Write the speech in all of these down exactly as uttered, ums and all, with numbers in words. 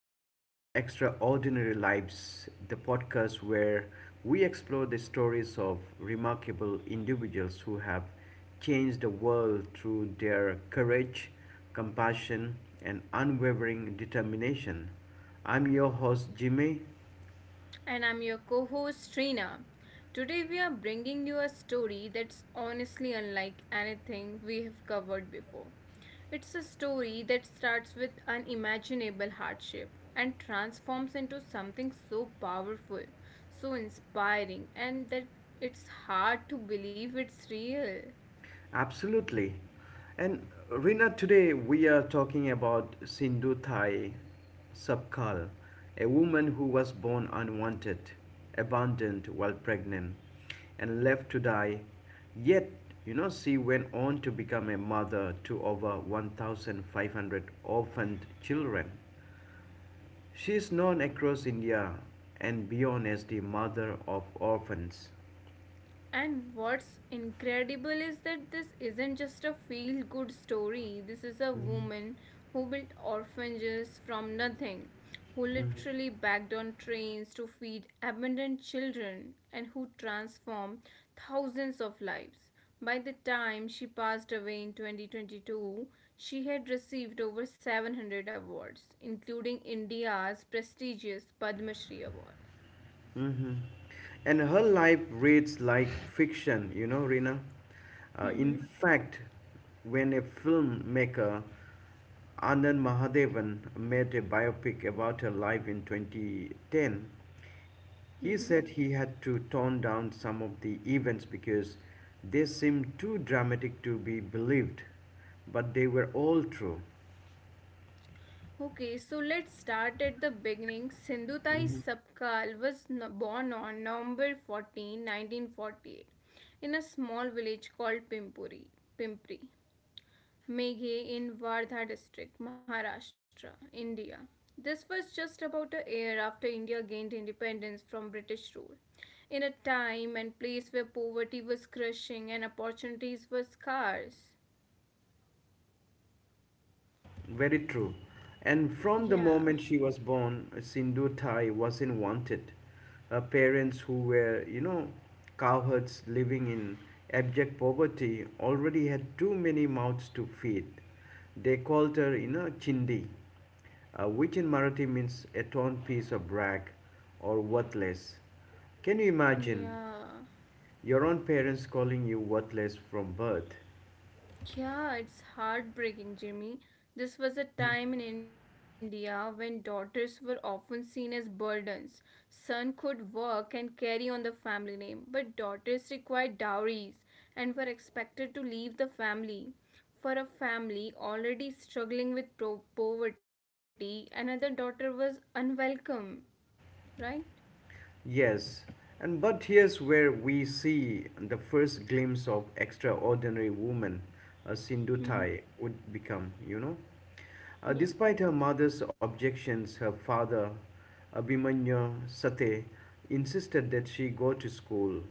episode of Extraordinary Lives, the podcast where we explore the stories of remarkable individuals who have changed the world through their courage, compassion, and unwavering determination. I'm your host, Jimmy. And I'm your co host Trina. Today we are bringing you a story that's honestly unlike anything we have covered before. It's a story that starts with unimaginable hardship and transforms into something so powerful, so inspiring, and that it's hard to believe it's real. Absolutely. And Rina, today we are talking about Sindhu Thai Sapkal, a woman who was born unwanted, abandoned while pregnant, and left to die. Yet, you know, she went on to become a mother to over one thousand five hundred orphaned children. She is known across India and beyond as the mother of orphans. And what's incredible is that this isn't just a feel good story. This is a woman who built orphanages from nothing, who literally bagged on trains to feed abandoned children, and who transformed thousands of lives. By the time she passed away in twenty twenty-two, she had received over seven hundred awards, including India's prestigious Padma Shri Award. Mm-hmm. And her life reads like fiction, you know, Rina. Uh, in Hmm. fact, when a filmmaker, Anand Mahadevan, made a biopic about her life in twenty ten, Hmm. he said he had to tone down some of the events because they seemed too dramatic to be believed, but they were all true. Okay, so let's start at the beginning. Sindhutai Sapkal was born on November fourteenth, nineteen forty-eight, in a small village called Pimpuri, Pimpri, Meghe in Wardha district, Maharashtra, India. This was just about a year after India gained independence from British rule. In a time and place where poverty was crushing and opportunities were scarce. Yeah, very true. And from Yeah, the moment she was born, Sindhu Thai wasn't wanted. Her parents, who were, you know, cowherds living in abject poverty, already had too many mouths to feed. They called her, you know, Chindi, uh, which in Marathi means a torn piece of rag or worthless. Can you imagine yeah. your own parents calling you worthless from birth? Yeah, it's heartbreaking, Jimmy. This was a time in India when daughters were often seen as burdens. Son could work and carry on the family name, but daughters required dowries and were expected to leave the family. For a family already struggling with pro- poverty, another daughter was unwelcome, right? Yes, and but here's where we see the first glimpse of extraordinary woman a Sindhutai Mm-hmm. would become, you know. Uh, despite her Yeah. mother's objections, her father, Abhimanyu Sate, insisted that she go to school.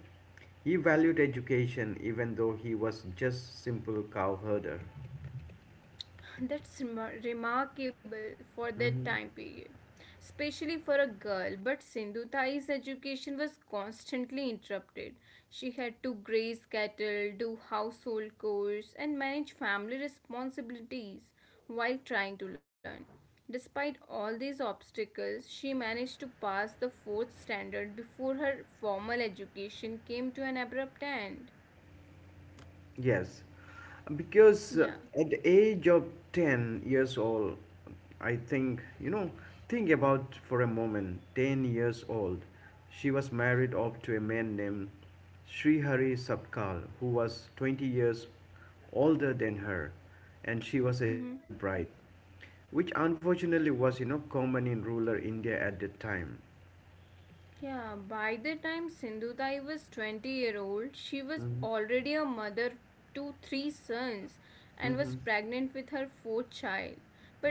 He valued education even though he was just simple cow herder. That's remarkable for that Mm-hmm. time period, especially for a girl. But Sindhutai's education was constantly interrupted. She had to graze cattle, do household chores, and manage family responsibilities while trying to learn. Despite all these obstacles, she managed to pass the fourth standard before her formal education came to an abrupt end. Yes, because uh, Yeah. at the age of ten years old, I think, you know, think about for a moment, ten years old, she was married off to a man named Sri Hari Sapkal, who was twenty years older than her, and she was a child Mhm. bride, which unfortunately was, you know, common in rural India at the time. Yeah, by the time Sindhutai was twenty year old, she was Mm-hmm, already a mother to three sons and was pregnant with her fourth child.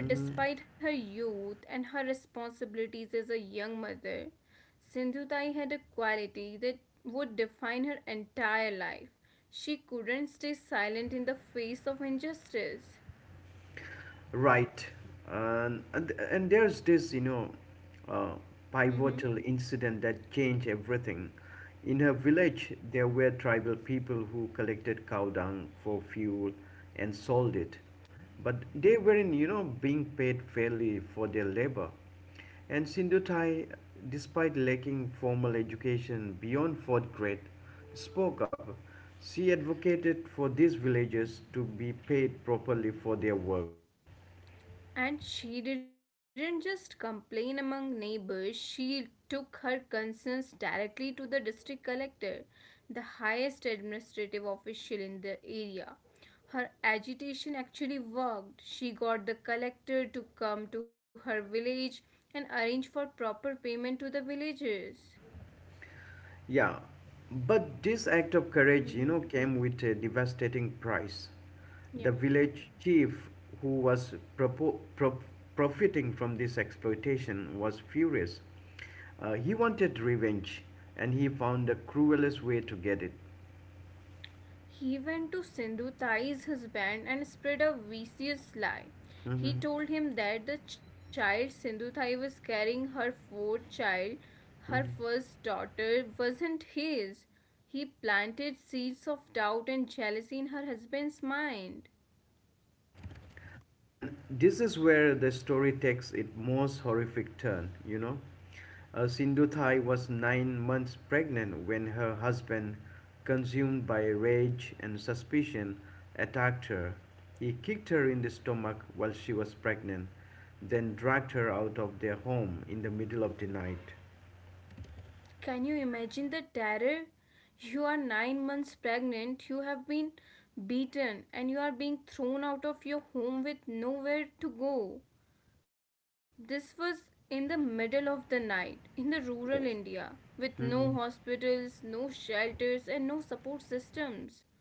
But despite her youth and her responsibilities as a young mother, Sindhutai had a quality that would define her entire life. She couldn't stay silent in the face of injustice. Right. And, and, and there's this, you know, uh, Mm-hmm. pivotal incident that changed everything. In her village, there were tribal people who collected cow dung for fuel and sold it. But they weren't, you know, being paid fairly for their labor. And Sindhutai, despite lacking formal education beyond fourth grade, spoke up. She advocated for these villagers to be paid properly for their work. And she didn't just complain among neighbors, she took her concerns directly to the district collector, the highest administrative official in the area. Her agitation actually worked. She got the collector to come to her village and arrange for proper payment to the villagers. Yeah, but this act of courage, you Mhm. know, came with a devastating price. The Yeah. village chief, who was propo- pro- profiting from this exploitation, was furious. Uh, he wanted revenge, and he found the cruelest way to get it. He went to Sindhu, ties his and spread a vicious lie. He Mm-hmm. told him that the child Sindhuthai was carrying her fourth child, her first daughter, wasn't his. He planted seeds of doubt and jealousy in her husband's mind. And this is where the story takes its most horrific turn, you know. Uh, Sindhu was nine months pregnant when her husband, consumed by rage and suspicion, attacked her. He kicked her in the stomach while she was pregnant, then dragged her out of their home in the middle of the night. Can you imagine the terror? You are nine months pregnant, you have been beaten, and you are being thrown out of your home with nowhere to go. This was in the middle of the night in the rural Yes. India with no hospitals, no shelters, and no support systems.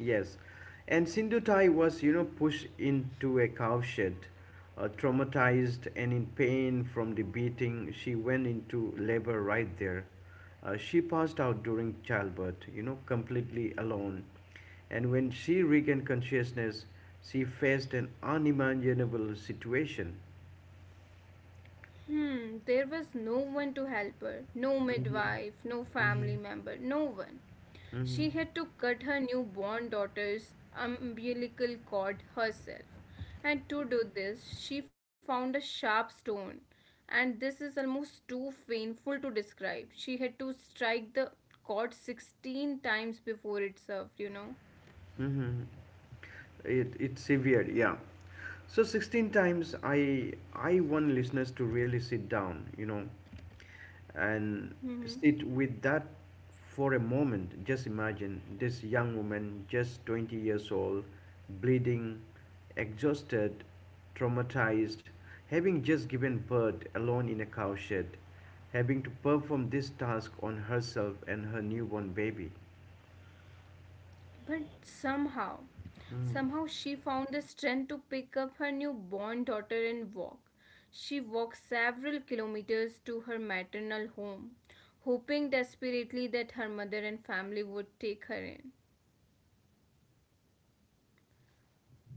Yes, and Sindhutai was, you know, pushed into a cowshed. Uh, traumatized and in pain from the beating, she went into labor right there. Uh, she passed out during childbirth, you know, completely alone. And when she regained consciousness, she faced an unimaginable situation. Hmm, there was no one to help her, no Mm-hmm. midwife, no Mm-hmm. family member, no one. Mm-hmm. She had to cut her newborn daughter's umbilical cord herself. And to do this, she found a sharp stone. And this is almost too painful to describe. She had to strike the cord sixteen times before it served, you know. Mm-hmm. it it's severe, yeah. So sixteen times, i i want listeners to really sit down, you know and sit with that for a moment. Just imagine this young woman, just twenty years old, bleeding, exhausted, traumatized, having just given birth alone in a cowshed, having to perform this task on herself and her newborn baby. But somehow, somehow she found the strength to pick up her newborn daughter and walk. She walked several kilometers to her maternal home, hoping desperately that her mother and family would take her in.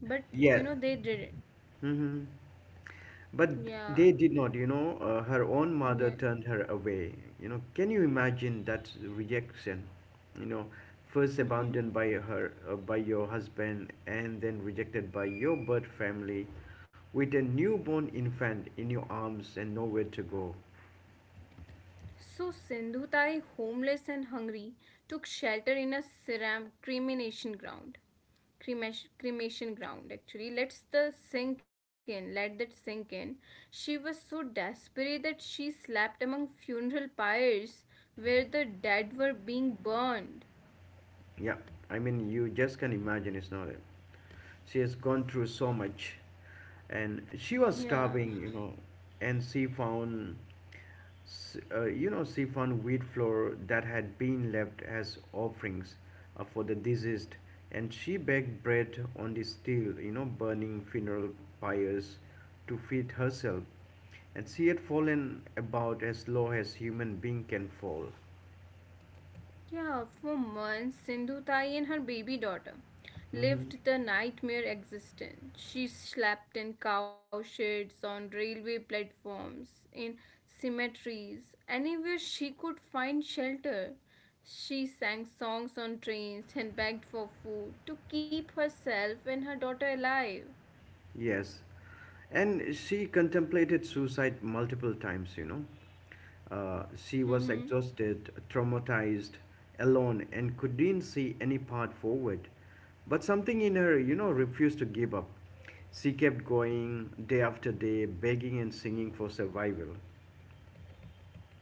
But Yeah. you know, they didn't. Hmm. But they Yeah, did not, you know. Uh, her own mother yeah. turned her away. You know, can you imagine that rejection? You know, First Mm-hmm. abandoned by her, uh, by your husband, and then rejected by your birth family, with a newborn infant in your arms and nowhere to go. So Sindhutai, homeless and hungry, took shelter in a ceram- cremation ground. cremation, cremation ground. Actually, let's the sink in let that sink in. She was so desperate that she slept among funeral pyres where the dead were being burned. Yeah, I mean, you just can imagine. It's not it. She has gone through so much, and she Yeah. was starving, you know, and she found S- uh, you know, siphon wheat flour that had been left as offerings uh, for the deceased, and she baked bread on the steel, you know, burning funeral pyres to feed herself. And she had fallen about as low as human being can fall. Yeah, for months, Sindhutai and her baby daughter Hmm. lived the nightmare existence. She slept in cow sheds, on railway platforms, in cemeteries, anywhere she could find shelter. She sang songs on trains and begged for food to keep herself and her daughter alive. Yes, and she contemplated suicide multiple times, you know. Uh, she was Mm-hmm. exhausted, traumatized, alone, and couldn't see any path forward. But something in her, you know, refused to give up. She kept going day after day, begging and singing for survival.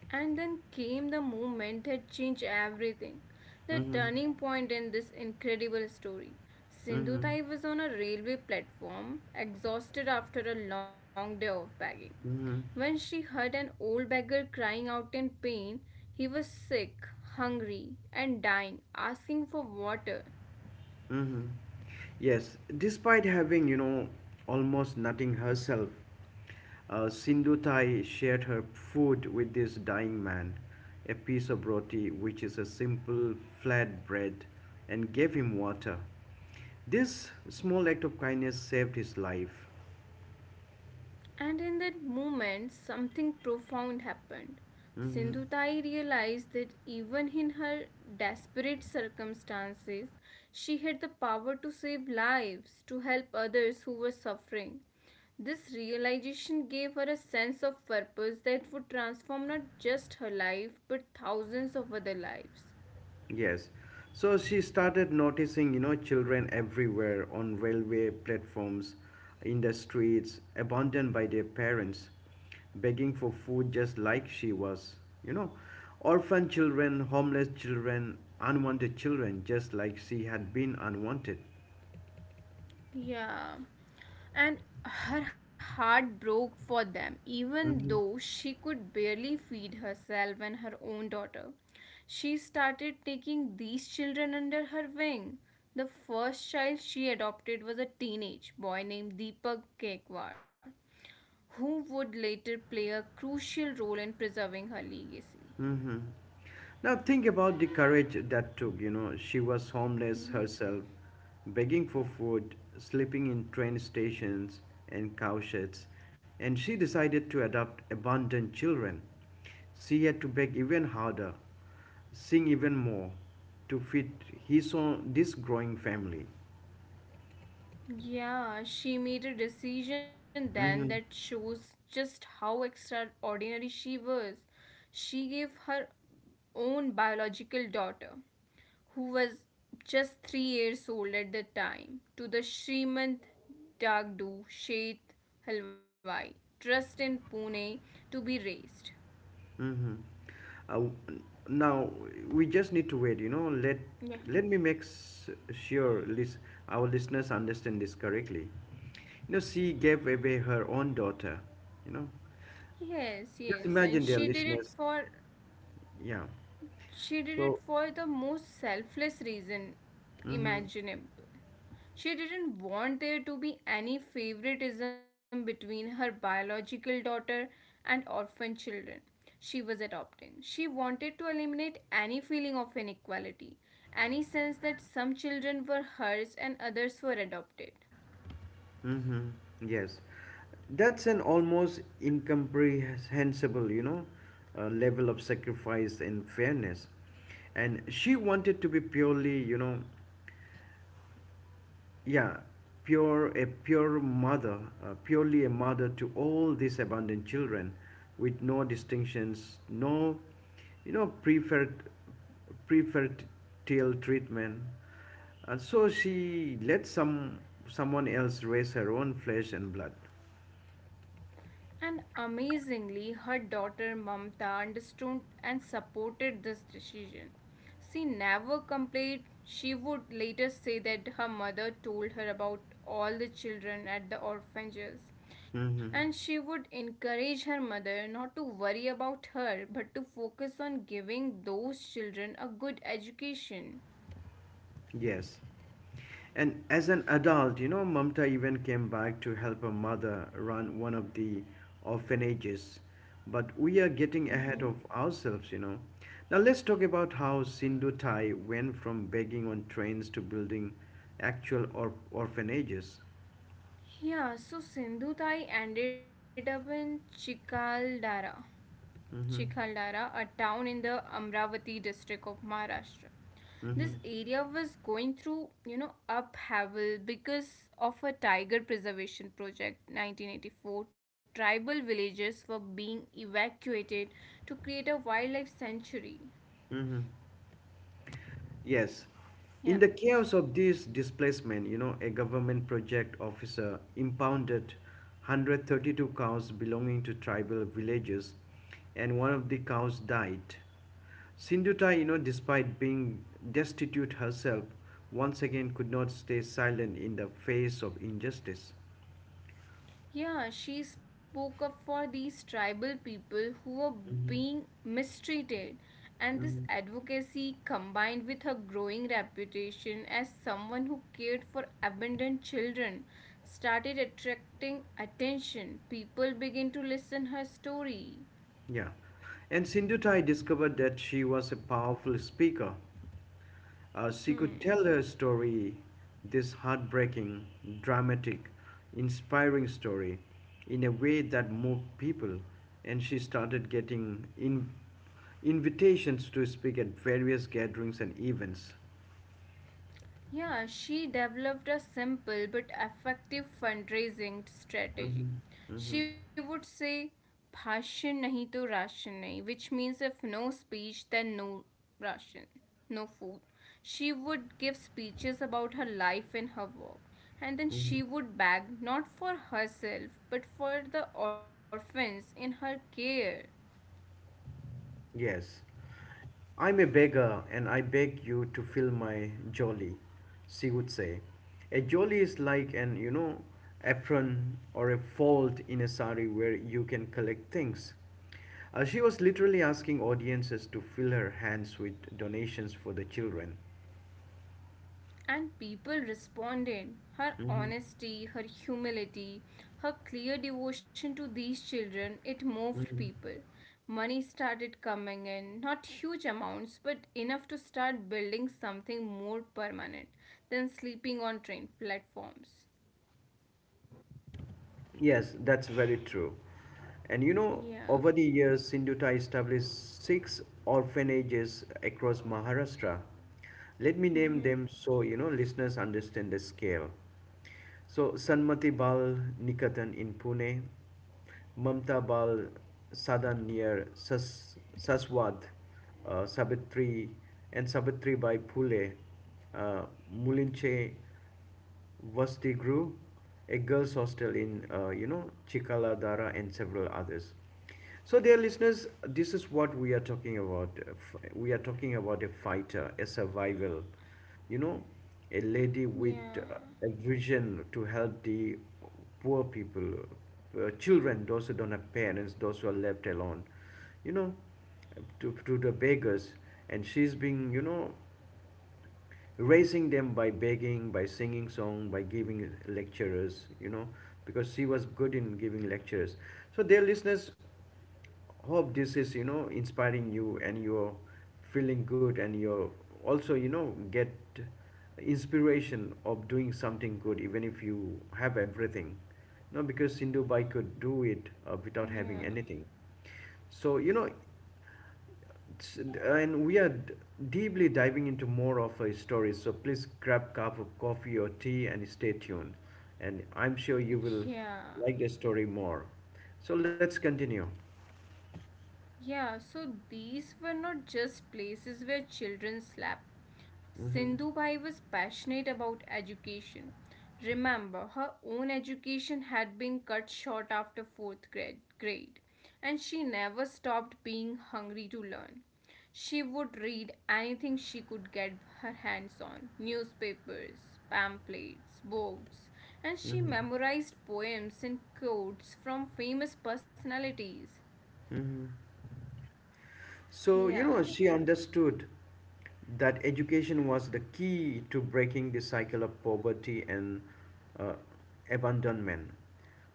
And then came the moment that changed everything. The Mm-hmm. turning point in this incredible story. Mm-hmm. Sindhu Thai was on a railway platform, exhausted after a long day of begging. Mm-hmm. When she heard an old beggar crying out in pain, he was sick, hungry, and dying, asking for water. Mm-hmm. Yes, despite having, you know, almost nothing herself, uh, Sindhu Thai shared her food with this dying man, a piece of roti, which is a simple flat bread, and gave him water. This small act of kindness saved his life. And in that moment, something profound happened. Mhm. Sindhutai realized that even in her desperate circumstances, she had the power to save lives, to help others who were suffering. This realization gave her a sense of purpose that would transform not just her life but thousands of other lives. Yes. So she started noticing, you know, children everywhere on railway platforms, in the streets, abandoned by their parents, begging for food just like she was, you know. Orphan children, homeless children, unwanted children, just like she had been unwanted. Yeah. And her heart broke for them, even Mm-hmm. though she could barely feed herself and her own daughter. She started taking these children under her wing. The first child she adopted was a teenage boy named Deepak Kekwar, who would later play a crucial role in preserving her legacy. Mm-hmm. Now think about the courage that took, you know, she was homeless Mm-hmm. herself, begging for food, sleeping in train stations and cowsheds, and she decided to adopt abandoned children. She had to beg even harder, sing even more to feed his own this growing family. Yeah, she made a decision then that Mm-hmm. shows just how extraordinary she was. She gave her own biological daughter, who was just three years old at the time, to the Srimant Dagdu Sheth Halwai Trust in Pune to be raised. Mm-hmm. Uh, Now we just need to wait. You know, let let Yeah. me make s- sure lis- our listeners understand this correctly. You know, she gave away her own daughter. You know, Yes, yes, just and imagine, she their did it listeners. for Yeah. she did it So, for the most selfless reason mm-hmm, imaginable. She didn't want there to be any favoritism between her biological daughter and orphan children she was adopting. She wanted to eliminate any feeling of inequality, any sense that some children were hers and others were adopted. mm-hmm, yes, that's an almost incomprehensible, you know, uh, level of sacrifice and fairness. And she wanted to be purely, you know, yeah, pure, a pure mother, uh, purely a mother to all these abandoned children, with no distinctions, no, you know preferred preferential treatment, and so she let some someone else raise her own flesh and blood. And amazingly, her daughter Mamta understood and supported this decision. She never complained. She would later say that her mother told her about all the children at the orphanages. And she Hmm. would encourage her mother not to worry about her but to focus on giving those children a good education. Yes. And as an adult, you know, Mamta even came back to help her mother run one of the orphanages. But we are Hmm. getting ahead of ourselves, you know. Now let's talk about how Sindhu Thai went from begging on trains to building actual or- orphanages. Yeah, so Sindhu Thai ended up in Chikaldara, Mm-hmm. Chikhalara, a town in the Amravati district of Maharashtra. Mm-hmm. This area was going through, you know, upheaval because of a tiger preservation project nineteen eighty-four. Tribal villages were being evacuated to create a wildlife sanctuary. Yes. In the Yeah. chaos of this displacement, you know, a government project officer impounded one hundred thirty-two cows belonging to tribal villages, and one of the cows died. Sindhuta, you know, despite being destitute herself, once again could not stay silent in the face of injustice. Yeah, she spoke up for these tribal people who were Mhm. being mistreated. And this Mhm. advocacy, combined with her growing reputation as someone who cared for abandoned children, started attracting attention. People began to listen her story. Yeah. And Sindhutai discovered that she was a powerful speaker. Uh, she could Hmm. tell a story, this heartbreaking, dramatic, inspiring story, in a way that moved people. And she started getting in- invitations to speak at various gatherings and events. Yeah, she developed a simple but effective fundraising Mhm. strategy. Mhm. She would say, Bhashan nahi to ration nahi, which means if no speech, then no ration, no food. She would give speeches about her life and her work. And then she would beg not for herself but for the orphans in her care. Yes, I'm a beggar and I beg you to fill my jolly, she would say. A jolly is like an, you know, apron or a fold in a sari where you can collect things. Uh, she was literally asking audiences to fill her hands with donations for the children. And people responded. Her Mhm, honesty, her humility, her clear devotion to these children, it moved mhm. people. Money started coming in, not huge amounts, but enough to start building something more permanent than sleeping on train platforms. Yes, that's very true. And you know, Yeah. over the years, Sindhuta established six orphanages across Maharashtra. Let me name them Mm-hmm. so you know listeners understand the scale. So Sanmati Bal Nikatan in Pune, Mamta Bal Sadan near Sas- Saswad, uh, Savitri and Sabitri by Phule, uh, Mulinche Vasti Gru, a girls' hostel in, uh, you know, Chikaladara and several others. So, dear listeners, this is what we are talking about. We are talking about a fighter, a survival, you know, a lady with uh, Yeah. a vision to help the poor people, uh, children, those who don't have parents, those who are left alone, you know, to, to the beggars. And she's being, you know, raising them by begging, by singing song, by giving lectures, you know, because she was good in giving lectures. So dear listeners, hope this is, you know, inspiring you and you're feeling good and you're also, you know, get inspiration of doing something good even if you have everything. No, because Sindhubai could do it uh, without Yeah. having anything. So, you know, it's- and we are d- deeply diving into more of her stories, so please grab a cup of coffee or tea and stay tuned, and I'm sure you will Yeah. like the story more. So let's continue. Yeah, so these were not just places where children slept. Sindhubhai was passionate about education. Remember, her own education had been cut short after fourth grade, grade, and she never stopped being hungry to learn. She would read anything she could get her hands on newspapers, pamphlets, books, and she memorized poems and quotes from famous personalities. Hmm. So, Yeah. you know, she understood that education was the key to breaking the cycle of poverty and uh, abandonment.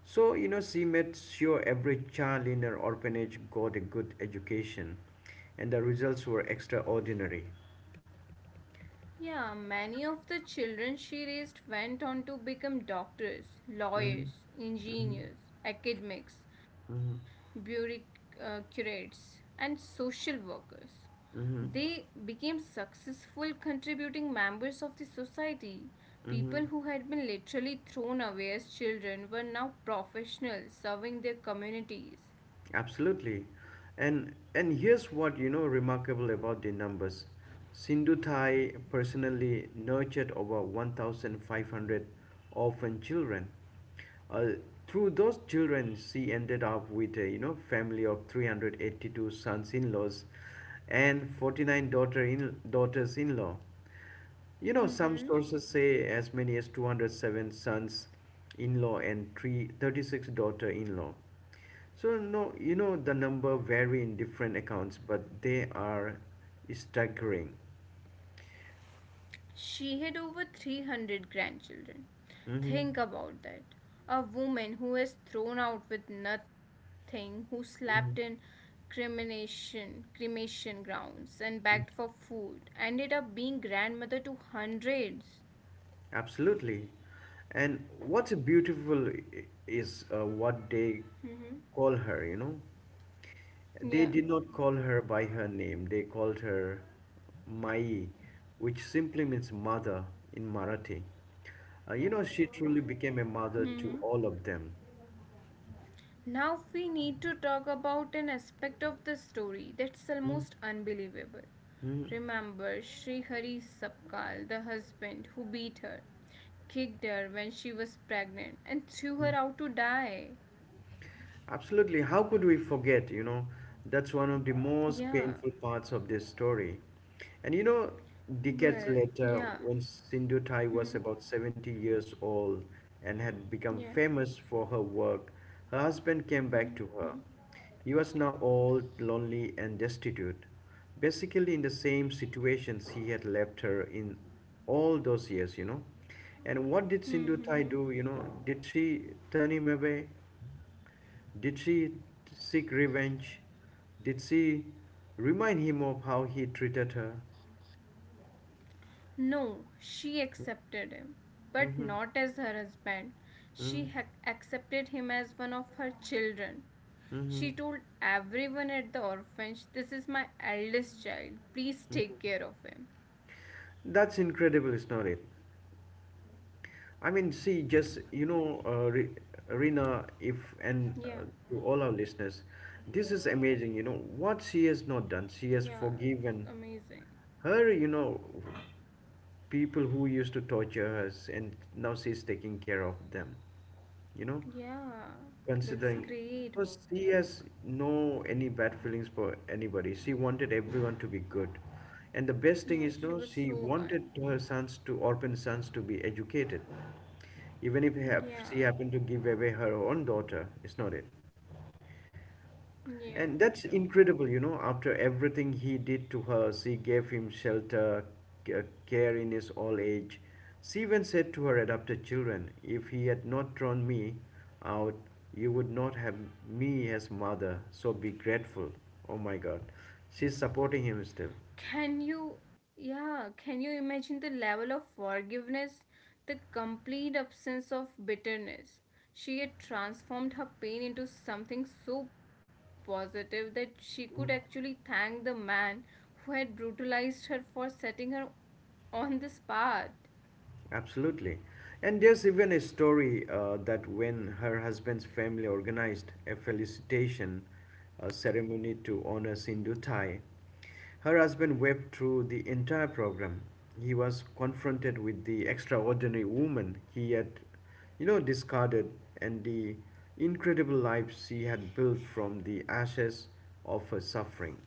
So, you know, she made sure every child in her orphanage got a good education, and the results were extraordinary. Yeah, many of the children she raised went on to become doctors, Mhm, lawyers, mhm, engineers, academics, mhm, bureaucrats, and social workers. mhm, They became successful contributing members of the society. mhm. People who had been literally thrown away as children were now professionals serving their communities. Absolutely. And and here's what you know remarkable about the numbers. Sindhu Thai personally nurtured over one thousand five hundred orphan children. Uh, Through those children she ended up with a you know family of three hundred eighty-two sons-in-laws and forty-nine daughter-in daughters-in-law. You know some Mm-hmm. sources say as many as two hundred seven sons-in-law and three hundred thirty-six daughter-in-law. So no, you know the number vary in different accounts, but they are staggering. She had over three hundred grandchildren. Hmm. Think about that. A woman who is thrown out with nothing, who slept in Mhm. cremation, cremation grounds and begged for Mhm. food, ended up being grandmother to hundreds. Absolutely. And what's beautiful i- is uh, what they Mm-hmm. call her, you know. Yeah. They did not call her by her name, they called her Mai, which simply means mother in Marathi. Uh, you know, she truly became a mother to Hmm. all of them. Now we need to talk about an aspect of the story that's Mhm. almost unbelievable. Mhm. Remember Sri Hari Sapkal, the husband who beat her, kicked her when she was pregnant, and threw her out to die. Absolutely. How could we forget? You know, that's one of the most Yeah. painful parts of this story. And you know, decades Well, later, yeah. when Sindhu Thai Hmm. was about seventy years old and had become Yeah. famous for her work, her husband came back to Mm-hmm. her. He was now old, lonely, and destitute, basically in the same situations he had left her in all those years, you know. And what did Hmm. Sindhu Hmm. Thai Hmm. do? You know, did she turn him away? Did she seek revenge? Did she remind him of how he treated her? No, she accepted him, but Mm-hmm. not as her husband. She Mm-hmm. ha- accepted him as one of her children. She Mm-hmm. told everyone at the orphanage, This is my eldest child. Please take care of him. That's incredible, isn't it? I mean, see, just you know, uh, Re- Rina, if and uh, Yeah, to all our listeners, this is amazing. You know what she has not done. yeah, She has it's forgiven amazing. her. You know, people who used to torture her, and now she's taking care of them. You know. Yeah, that's Considering. great So she work. has no any bad feelings for anybody. She wanted everyone to be good. And the best thing Yeah, is she no, was she so wanted kind. her sons to orphan sons to be educated. Even if hap- she Yeah, happened to give away her own daughter, it's not it. yeah, And that's true. incredible, you know. After everything he did to her, she gave him shelter, c- uh, care in his old age. She even said to her adopted children, "If he had not drawn me out, you would not have me as mother, so be grateful." Oh my god. She's supporting him still. Can you, yeah, can you imagine the level of forgiveness, the complete absence of bitterness? She had transformed her pain into something so positive that she could actually thank the man who had brutalized her for setting her on this path. Absolutely. And there's even a story uh, that when her husband's family organized a felicitation uh, ceremony to honor Sindhu Thai, her husband wept through the entire program. He was confronted with the extraordinary woman he had, you know, discarded and the incredible life she had built from the ashes of her suffering.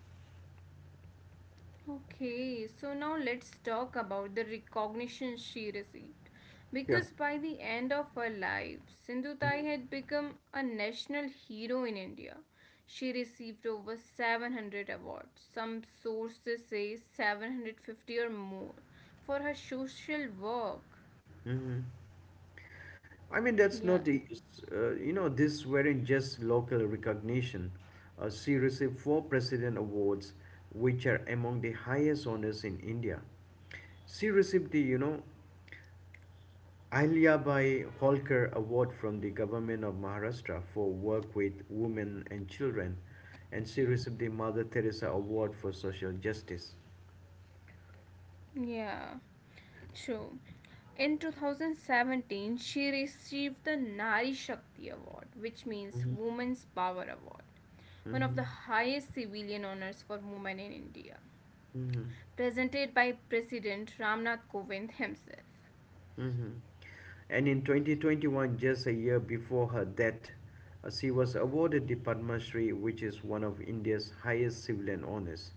Okay, so now let's talk about the recognition she received. Yeah. Because by the end of her life, Sindhutai had become a national hero in India. She received over seven hundred awards, some sources say seven hundred fifty or more, for her social work. I mean, that's not Yeah, the, uh, you know, this weren't just local recognition. Uh, she received four president awards, which are among the highest honors in India. She received the, you know, Ahilyabai Holkar Award from the government of Maharashtra for work with women and children, and she received the Mother Teresa Award for social justice. yeah, true. In twenty seventeen, she received the Nari Shakti Award, which means Mhm. Women's Power Award, one of Mm-hmm. the highest civilian honors for women in India, Mm-hmm. presented by President Ramnath Kovind himself. Mm-hmm. And in twenty twenty-one, just a year before her death, uh, she was awarded the Padma Shri, which is one of India's highest civilian honors.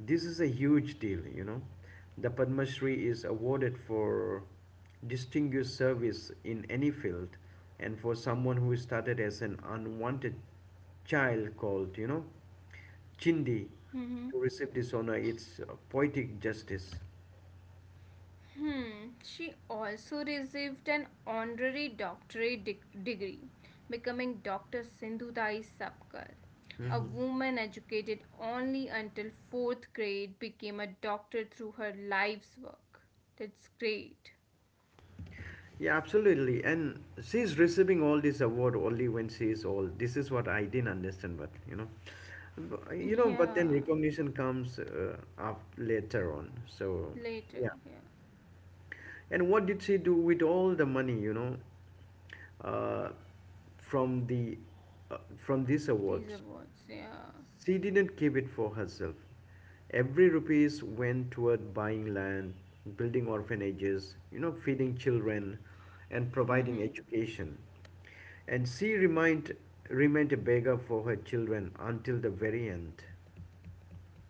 This is a huge deal, you know. The Padma Shri is awarded for distinguished service in any field and for someone who started as an unwanted child called, you know, Chindi. Mm-hmm. To receive this honor, it's uh, poetic justice. Hmm, she also received an honorary doctorate dig- degree, becoming Doctor Sindhutai Sapkar. A woman educated only until fourth grade became a doctor through her life's work. That's great. Yeah, absolutely. And she's receiving all this award only when she is old. This is what I didn't understand, but you know, B- you Yeah, know. But then recognition comes uh, up later on. So later, yeah. yeah. And what did she do with all the money? You know, uh, from the uh, from these These awards. awards, yeah. She didn't keep it for herself. Every rupees went toward buying land, building orphanages, you know, feeding children, and providing Mm-hmm. education. And she remained remained a beggar for her children until the very end.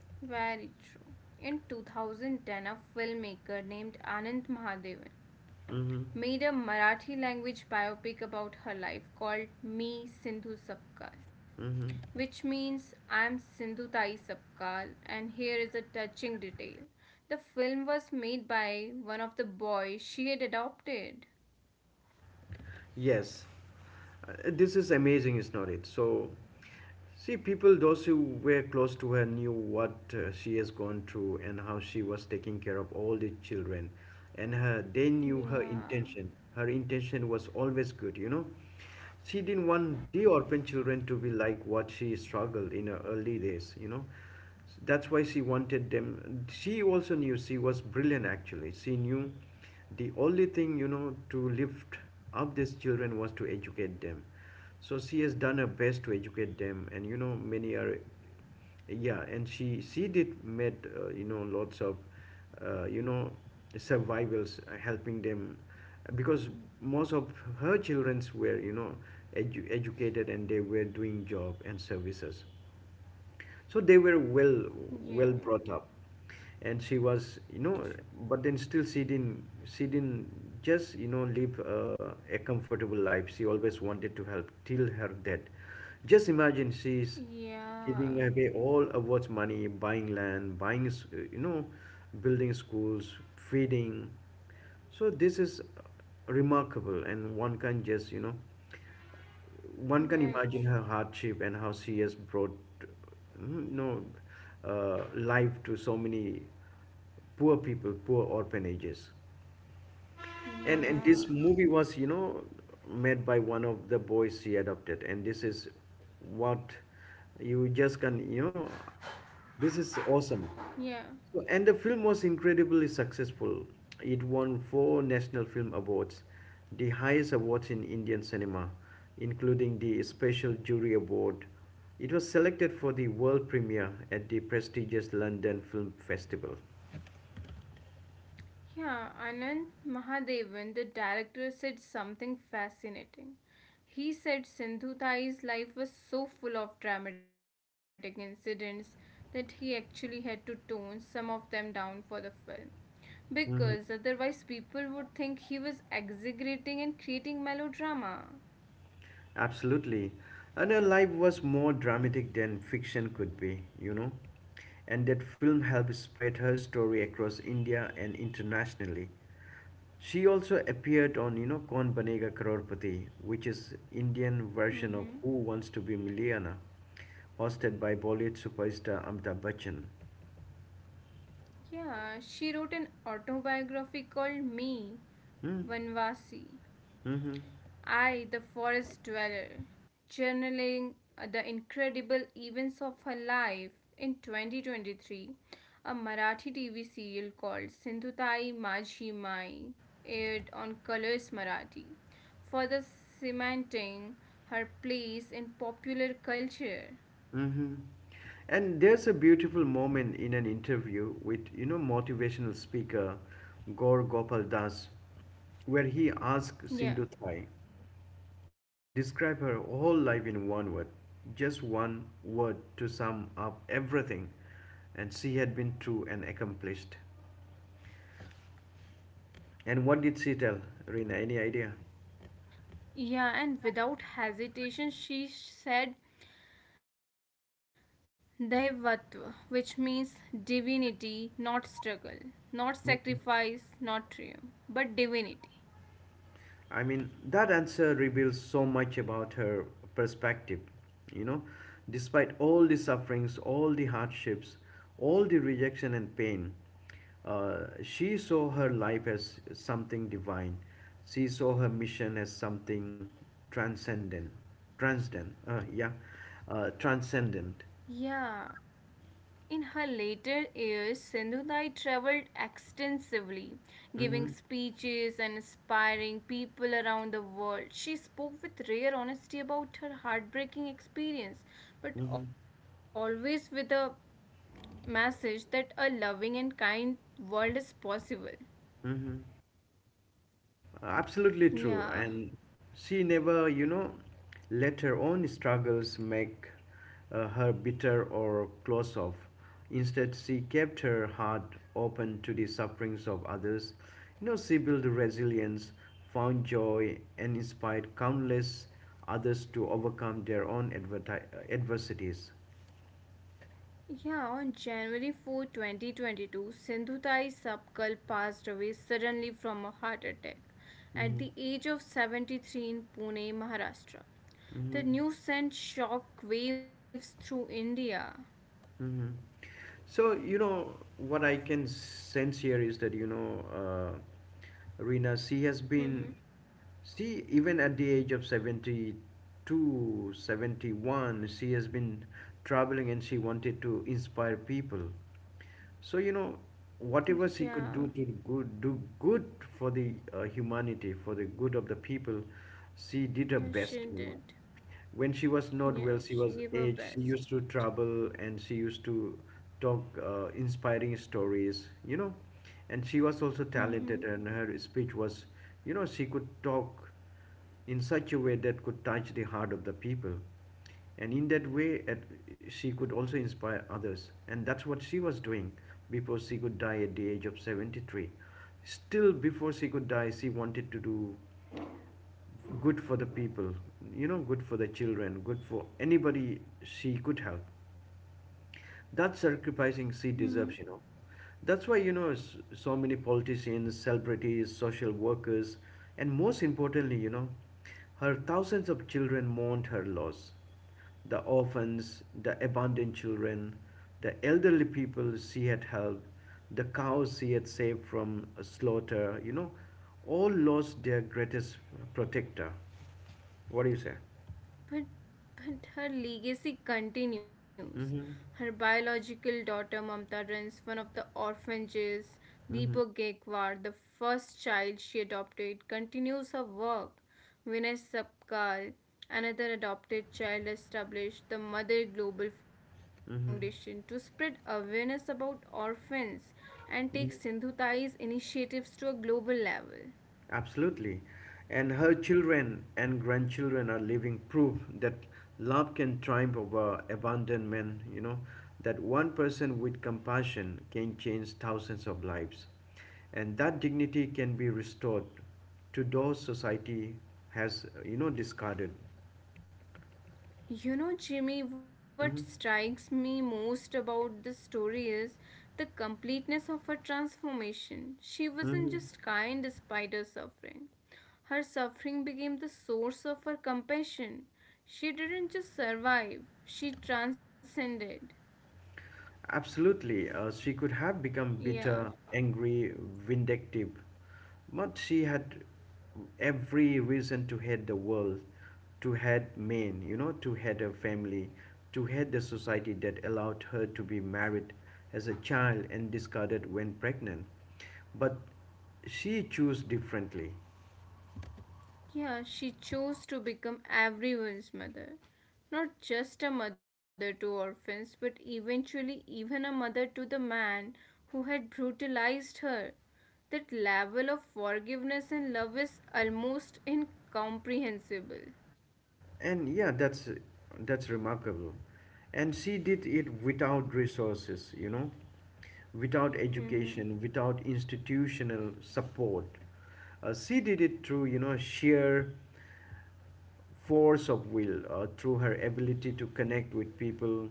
Very true. In two thousand ten, a filmmaker named Anand Mahadevan Mm-hmm. made a Marathi language biopic about her life called Me Sindhu Sapkal, Mm-hmm. which means I'm Sindhu Tai Sapkal, and here is a touching detail. The film was made by one of the boys she had adopted. Yes. Uh, this is amazing, is not it? So, see, people, those who were close to her, knew what uh, she has gone through and how she was taking care of all the children, and her they knew her Yeah, intention. Her intention was always good, you know. She didn't want the orphan children to be like what she struggled in her early days, you know. That's why she wanted them. She also knew she was brilliant actually. She knew the only thing, you know, to lift up these children was to educate them. So she has done her best to educate them, and you know, many are yeah and she she did met uh, you know lots of uh, you know survivors uh, helping them because most of her childrens were you know edu- educated and they were doing job and services so they were well yeah, well brought up and she was you know true. but then still she didn't she didn't just you know live uh, a comfortable life she always wanted to help till her death just imagine she's Yeah, giving away all of what's money buying land buying s- you know building schools feeding so this is remarkable and one can just you know one can very imagine true. her hardship and how she has brought mm, you know uh, life to so many poor people, poor orphanages. And and Yeah, this movie was, you know, made by one of the boys she adopted, and this is what you just can, you know, this is awesome. yeah. So, and the film was incredibly successful. It won four national film awards, the highest awards in Indian cinema, including the Special Jury Award. It was selected for the world premiere at the prestigious London Film Festival. Yeah, Anand Mahadevan, the director, said something fascinating. He said Sindhu Thai's life was so full of dramatic incidents that he actually had to tone some of them down for the film. Because otherwise, people would think he was exaggerating and creating melodrama. Absolutely. And her life was more dramatic than fiction could be, you know. And that film helped spread her story across India and internationally. She also appeared on, you know, Kaun Banega Crorepati, which is Indian version of Mm-hmm. Who Wants to Be Millionaire, hosted by Bollywood superstar Amitabh Bachchan. Yeah, she wrote an autobiography called Me, Hmm. Vanvasi Mm-hmm. I, the forest dweller, journaling uh, the incredible events of her life in twenty twenty-three, a Marathi T V serial called Sindhutai Majhi Mai aired on Colors Marathi, further cementing her place in popular culture. Mm-hmm. And there's a beautiful moment in an interview with, you know, motivational speaker Gaur Gopal Das, where he asked Yeah. Sindhu Thai to describe her whole life in one word, just one word to sum up everything. And she had been true and accomplished. And what did she tell? Rina, any idea? Yeah, and without hesitation, she said Daivatva, which means divinity, not struggle, not sacrifice, not triumph, but divinity. I mean, that answer reveals so much about her perspective. You know, despite all the sufferings, all the hardships, all the rejection and pain, uh, she saw her life as something divine. She saw her mission as something transcendent. Transcendent, uh, yeah, uh, transcendent. Yeah, in her later years, Sindhudai traveled extensively, giving Mm-hmm, speeches and inspiring people around the world. She spoke with rare honesty about her heartbreaking experience, mm-hmm, but always with a message that a loving and kind world is possible. mm-hmm. Absolutely true. And Yeah, she never, you know, let her own struggles make uh, her bitter or close off. Instead, she kept her heart open to the sufferings of others. You know, she built resilience, found joy, and inspired countless others to overcome their own adverti- uh, adversities. Yeah, on January fourth, twenty twenty-two, Sindhutai Sapkal passed away suddenly from a heart attack at Mhm. the age of seventy-three in Pune, Maharashtra. Mhm. The news sent shock waves through India. Hmm. So you know what I can sense here is that you know, uh, Rina, she has Mm-hmm. been, she even at the age of seventy-two, seventy-one, she has been traveling and she wanted to inspire people. So, you know, whatever she Yeah, could do to good, do good for the uh, humanity, for the good of the people, she did her yeah, she best, you know. did. When she was not Yeah, well, she she was gave her aged, she best. used to travel and she used to talk uh, inspiring stories, you know. And she was also Mm-hmm. talented and her speech was, you know, she could talk in such a way that could touch the heart of the people. And in that way, at, she could also inspire others. And that's what she was doing before she could die at the age of seventy-three. Still, before she could die, she wanted to do good for the people, you know, good for the children, good for anybody she could help. That's sacrificing she Mm-hmm. deserves, you know. That's why, you know, s- so many politicians, celebrities, social workers, and most importantly, you know, her thousands of children mourned her loss. The orphans, the abandoned children, the elderly people she had helped, the cows she had saved from slaughter, you know, all lost their greatest protector. What do you say? But, but her legacy continues. Her Mm-hmm. biological daughter Mamta runs one of the orphanages. Deepak Gaikwad, the first child she adopted, continues her work. Vinay Sapkal, another adopted child, established the Mother Global Foundation to spread awareness about orphans and take Sindhu Tai's initiatives to a global level. Absolutely. And her children and grandchildren are living proof that love can triumph over abandonment, you know, that one person with compassion can change thousands of lives. And that dignity can be restored to those society has, you know, discarded. You know, Jimmy, what Hmm. strikes me most about this story is the completeness of her transformation. She wasn't Hmm. just kind despite her suffering, her suffering became the source of her compassion. She didn't just survive, she transcended. Absolutely, uh, she could have become Yeah, bitter, angry, vindictive, but she had every reason to hate the world, to hate men, you know, to hate her family, to hate the society that allowed her to be married as a child and discarded when pregnant. But she chose differently. yeah, she chose to become everyone's mother. Not just a mother to orphans, but eventually even a mother to the man who had brutalized her. That level of forgiveness and love is almost incomprehensible. And yeah, that's that's remarkable. And she did it without resources, you know, without Mhm. education, without institutional support. Uh, she did it through, you know, sheer force of will, uh, through her ability to connect with people,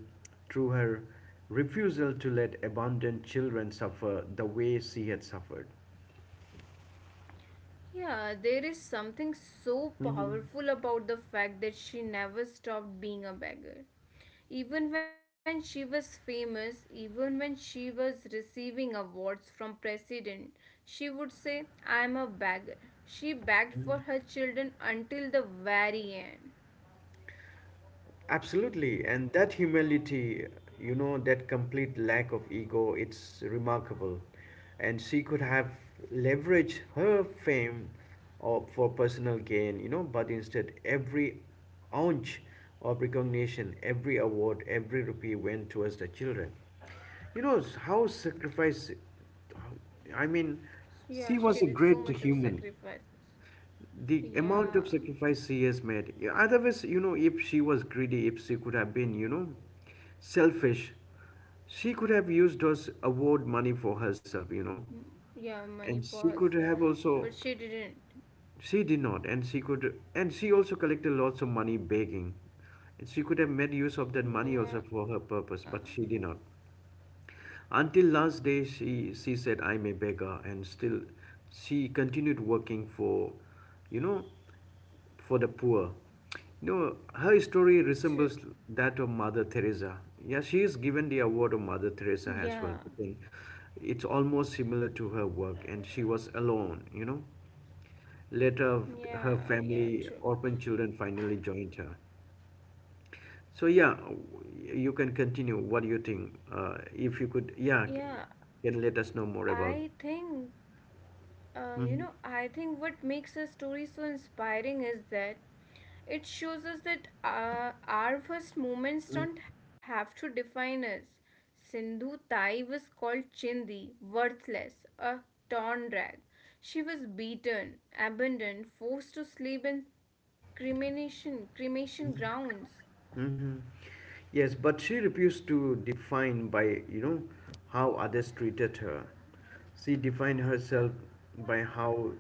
through her refusal to let abandoned children suffer the way she had suffered. Yeah, there is something so powerful about the fact that she never stopped being a beggar. Even when she was famous, even when she was receiving awards from president, she would say, "I am a beggar." She begged for her children until the very end. Absolutely, and that humility, you know, that complete lack of ego, it's remarkable. And she could have leveraged her fame or for personal gain, you know, but instead, every ounce of recognition, every award, every rupee went towards the children. You know, how sacrifice, I mean, Yeah, she she was a did so great much of human. sacrifices. The amount Yeah. of sacrifice she has made. Yeah, otherwise, you know, if she was greedy, if she could have been, you know, selfish, she could have used those award money for herself, you know. Yeah, money And for she pause. could have But also, she didn't. she did not, and she could, and she also collected lots of money begging, and she could have made use of that money also Yeah, for her purpose, but she did not. Until last day, she, she said, I'm a beggar, and still she continued working for, you know, for the poor. You know, her story true. resembles that of Mother Teresa. Yeah, she is given the award of Mother Teresa Yeah, as well. But then it's almost similar to her work, and she was alone, you know. Later, her yeah, yeah, family, true. orphan children finally joined her. So yeah, you can continue. What do you think? Uh, if you could, yeah, Yeah, can let us know more about. I think Uh, you know, I think what makes a story so inspiring is that it shows us that uh, our first moments don't have to define us. Sindhu Tai was called Chindi, worthless, a torn rag. She was beaten, abandoned, forced to sleep in cremation cremation grounds. Yes, but she refused to define by, you know, how others treated her. She defined herself by how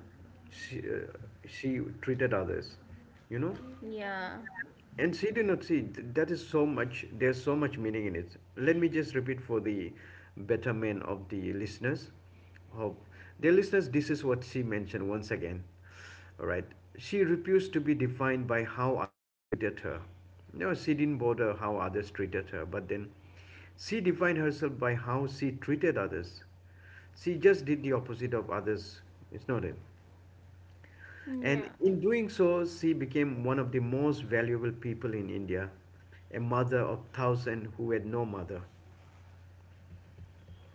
she, uh, she treated others. You know. Yeah, And see, do not see, th- that is so much, there's so much meaning in it. Let me just repeat for the betterment of the listeners. Hope. Dear listeners, this is what she mentioned once again. All right. She refused to be defined by how others treated her. No, she didn't bother how others treated her, but then she defined herself by how she treated others. She just did the opposite of others. It's not it. And yeah. in doing so, she became one of the most valuable people in India, a mother of thousands who had no mother.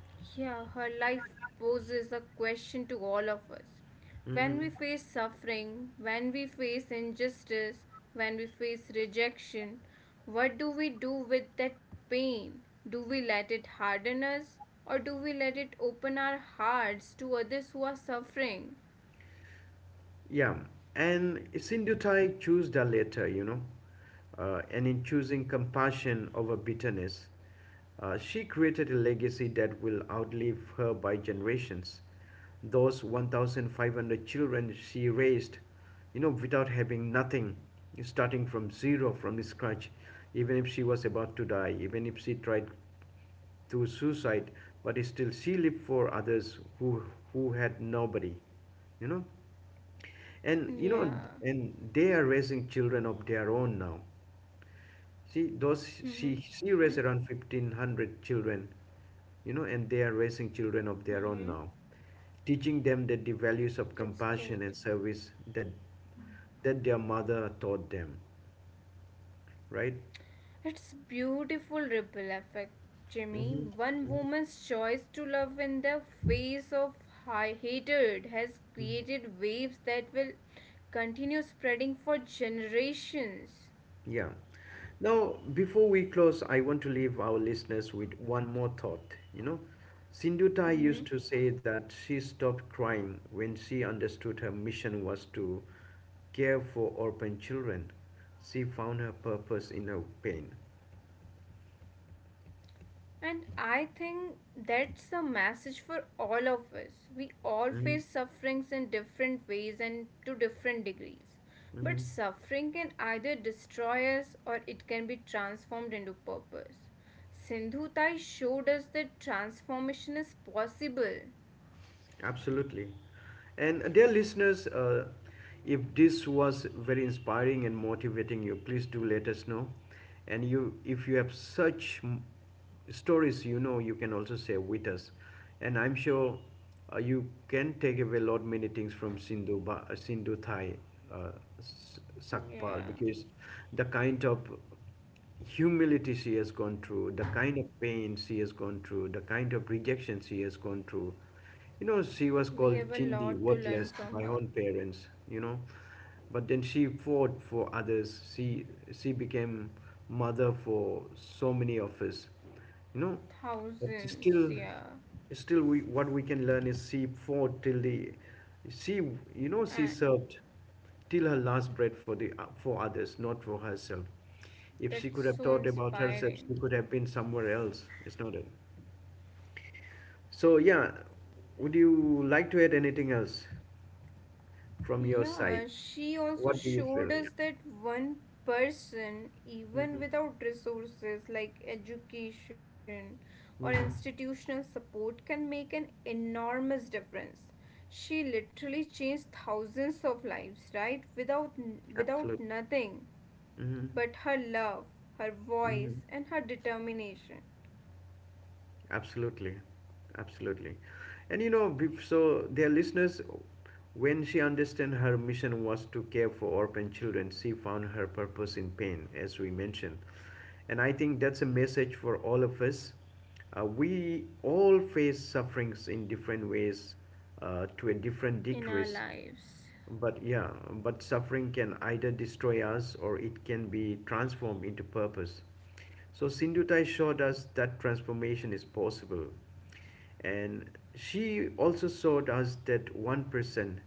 Yeah, her life poses a question to all of us. When we Mhm. face suffering, when we face injustice, when we face rejection, what do we do with that pain? Do we let it harden us or do we let it open our hearts to others who are suffering? Yeah, and Sindhutai choose the latter, you know. Uh, and in choosing compassion over bitterness, uh, she created a legacy that will outlive her by generations. Those one thousand five hundred children she raised, you know, without having nothing, starting from zero, from scratch, even if she was about to die, even if she tried to suicide, but still she lived for others who who had nobody, you know. And you know, Yeah. and they are raising children of their own now. She those she she Mhm. raised around fifteen hundred children, you know, and they are raising children of their own Mhm. now, teaching them that the values of That's great. compassion and service that that their mother taught them, right? It's beautiful ripple effect, Jimmy. Mm-hmm. One woman's choice to love in the face of high hatred has created waves that will continue spreading for generations. Yeah. Now, before we close, I want to leave our listeners with one more thought. You know, Sindhutai Mhm. used to say that she stopped crying when she understood her mission was to care for orphan children. She found her purpose in her pain. And I think that's a message for all of us. We all Mhm. face sufferings in different ways and to different degrees. But Mhm. suffering can either destroy us or it can be transformed into purpose. Sindhu Tai showed us that transformation is possible. Absolutely. And uh, dear listeners, uh, if this was very inspiring and motivating you, please do let us know. And you, if you have such m- stories, you know, you can also share with us. And I'm sure uh, you can take away a lot many things from Sindhu, ba- Sindhu Thai, uh, S- Sakpal, Yeah, because the kind of humility she has gone through, the kind of pain she has gone through, the kind of rejection she has gone through. You know, she was we have called a Chindi, lot to learn worthless, from by her her. own parents, you know. But then she fought for others. She she became mother for so many of us. You know, but Thousands, yeah. still still we, what we can learn is she fought till the, she, you know, she And served till her last breath for the, for others, not for herself. If she that's could have so thought about herself, inspiring. she could have been somewhere else. It's not it. So yeah, would you like to add anything else from your side? Yeah, she also What do you showed feel? Yeah. us that one person, even Mm-hmm. without resources like education or Mm-hmm. institutional support, can make an enormous difference. She literally changed thousands of lives, right? Without without Absolutely. nothing Mm-hmm. but her love, her Mm-hmm. voice, and her determination Absolutely, absolutely, and you know, be- so their listeners, when she understand her mission was to care for orphan children, she found her purpose in pain, as we mentioned, and I think that's a message for all of us. Uh, we all face sufferings in different ways, uh, to a different in our degrees, lives. but yeah, but suffering can either destroy us or it can be transformed into purpose. So Sindhutai showed us that transformation is possible. And she also showed us that one person,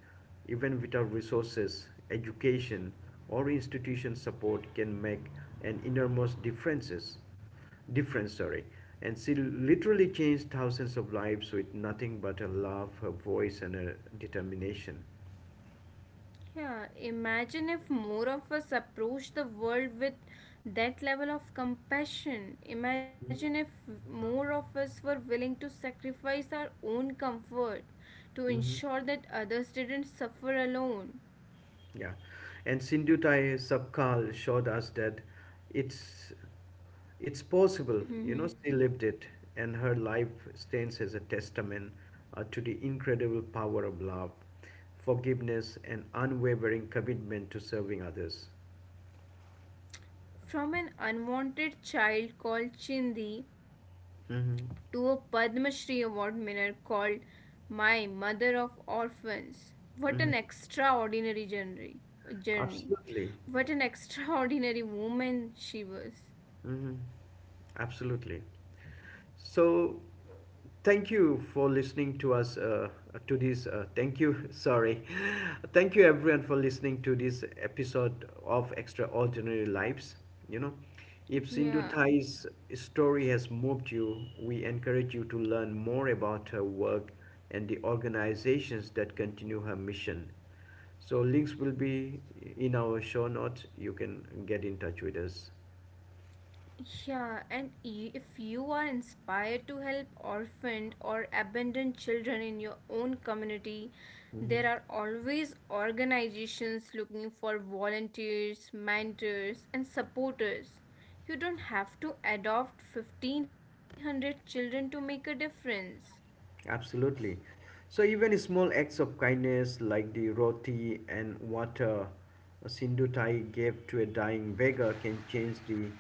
even without resources, education, or institution support, can make an innermost differences, difference. Sorry, and she literally changed thousands of lives with nothing but her love, her voice, and her determination. Yeah, imagine if more of us approach the world with that level of compassion. Imagine Mm-hmm. if more of us were willing to sacrifice our own comfort to Mm-hmm. ensure that others didn't suffer alone. Yeah. And Sindhutai Sabkal showed us that it's it's possible. You know, Mhm. she lived it, and her life stands as a testament uh, to the incredible power of love, forgiveness, and unwavering commitment to serving others. From an unwanted child called Chindi to a Mm-hmm. Padma Shri Award winner called My Mother of Orphans. What an Mm-hmm. extraordinary journey! Journey. Absolutely. What an extraordinary woman she was. Hmm. Absolutely. So, thank you for listening to us, uh, to this. Uh, thank you. Sorry. Thank you, everyone, for listening to this episode of Extraordinary Lives. You know, if Sindhu Yeah. Thai's story has moved you, we encourage you to learn more about her work and the organizations that continue her mission. So links will be in our show notes. You can get in touch with us. Yeah, and y- if you are inspired to help orphaned or abandoned children in your own community, there are always organizations looking for volunteers, mentors, and supporters. You don't have to adopt fifteen hundred children to make a difference. Absolutely. So even small acts of kindness like the roti and water a Sindutai gave to a dying beggar can change the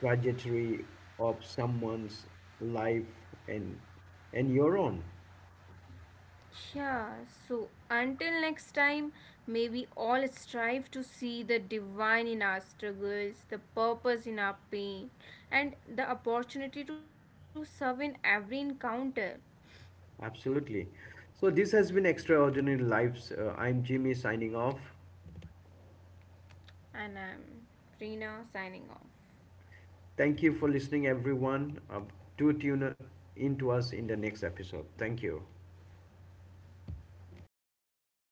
trajectory of someone's life and and your own. Yeah, so until next time, may we all strive to see the divine in our struggles, the purpose in our pain, and the opportunity to serve in every encounter. Absolutely. So this has been Extraordinary Lives. Uh, I'm Jimmy signing off. And I'm Reena signing off. Thank you for listening, everyone. Uh, do tune in to us in the next episode. Thank you. Okay,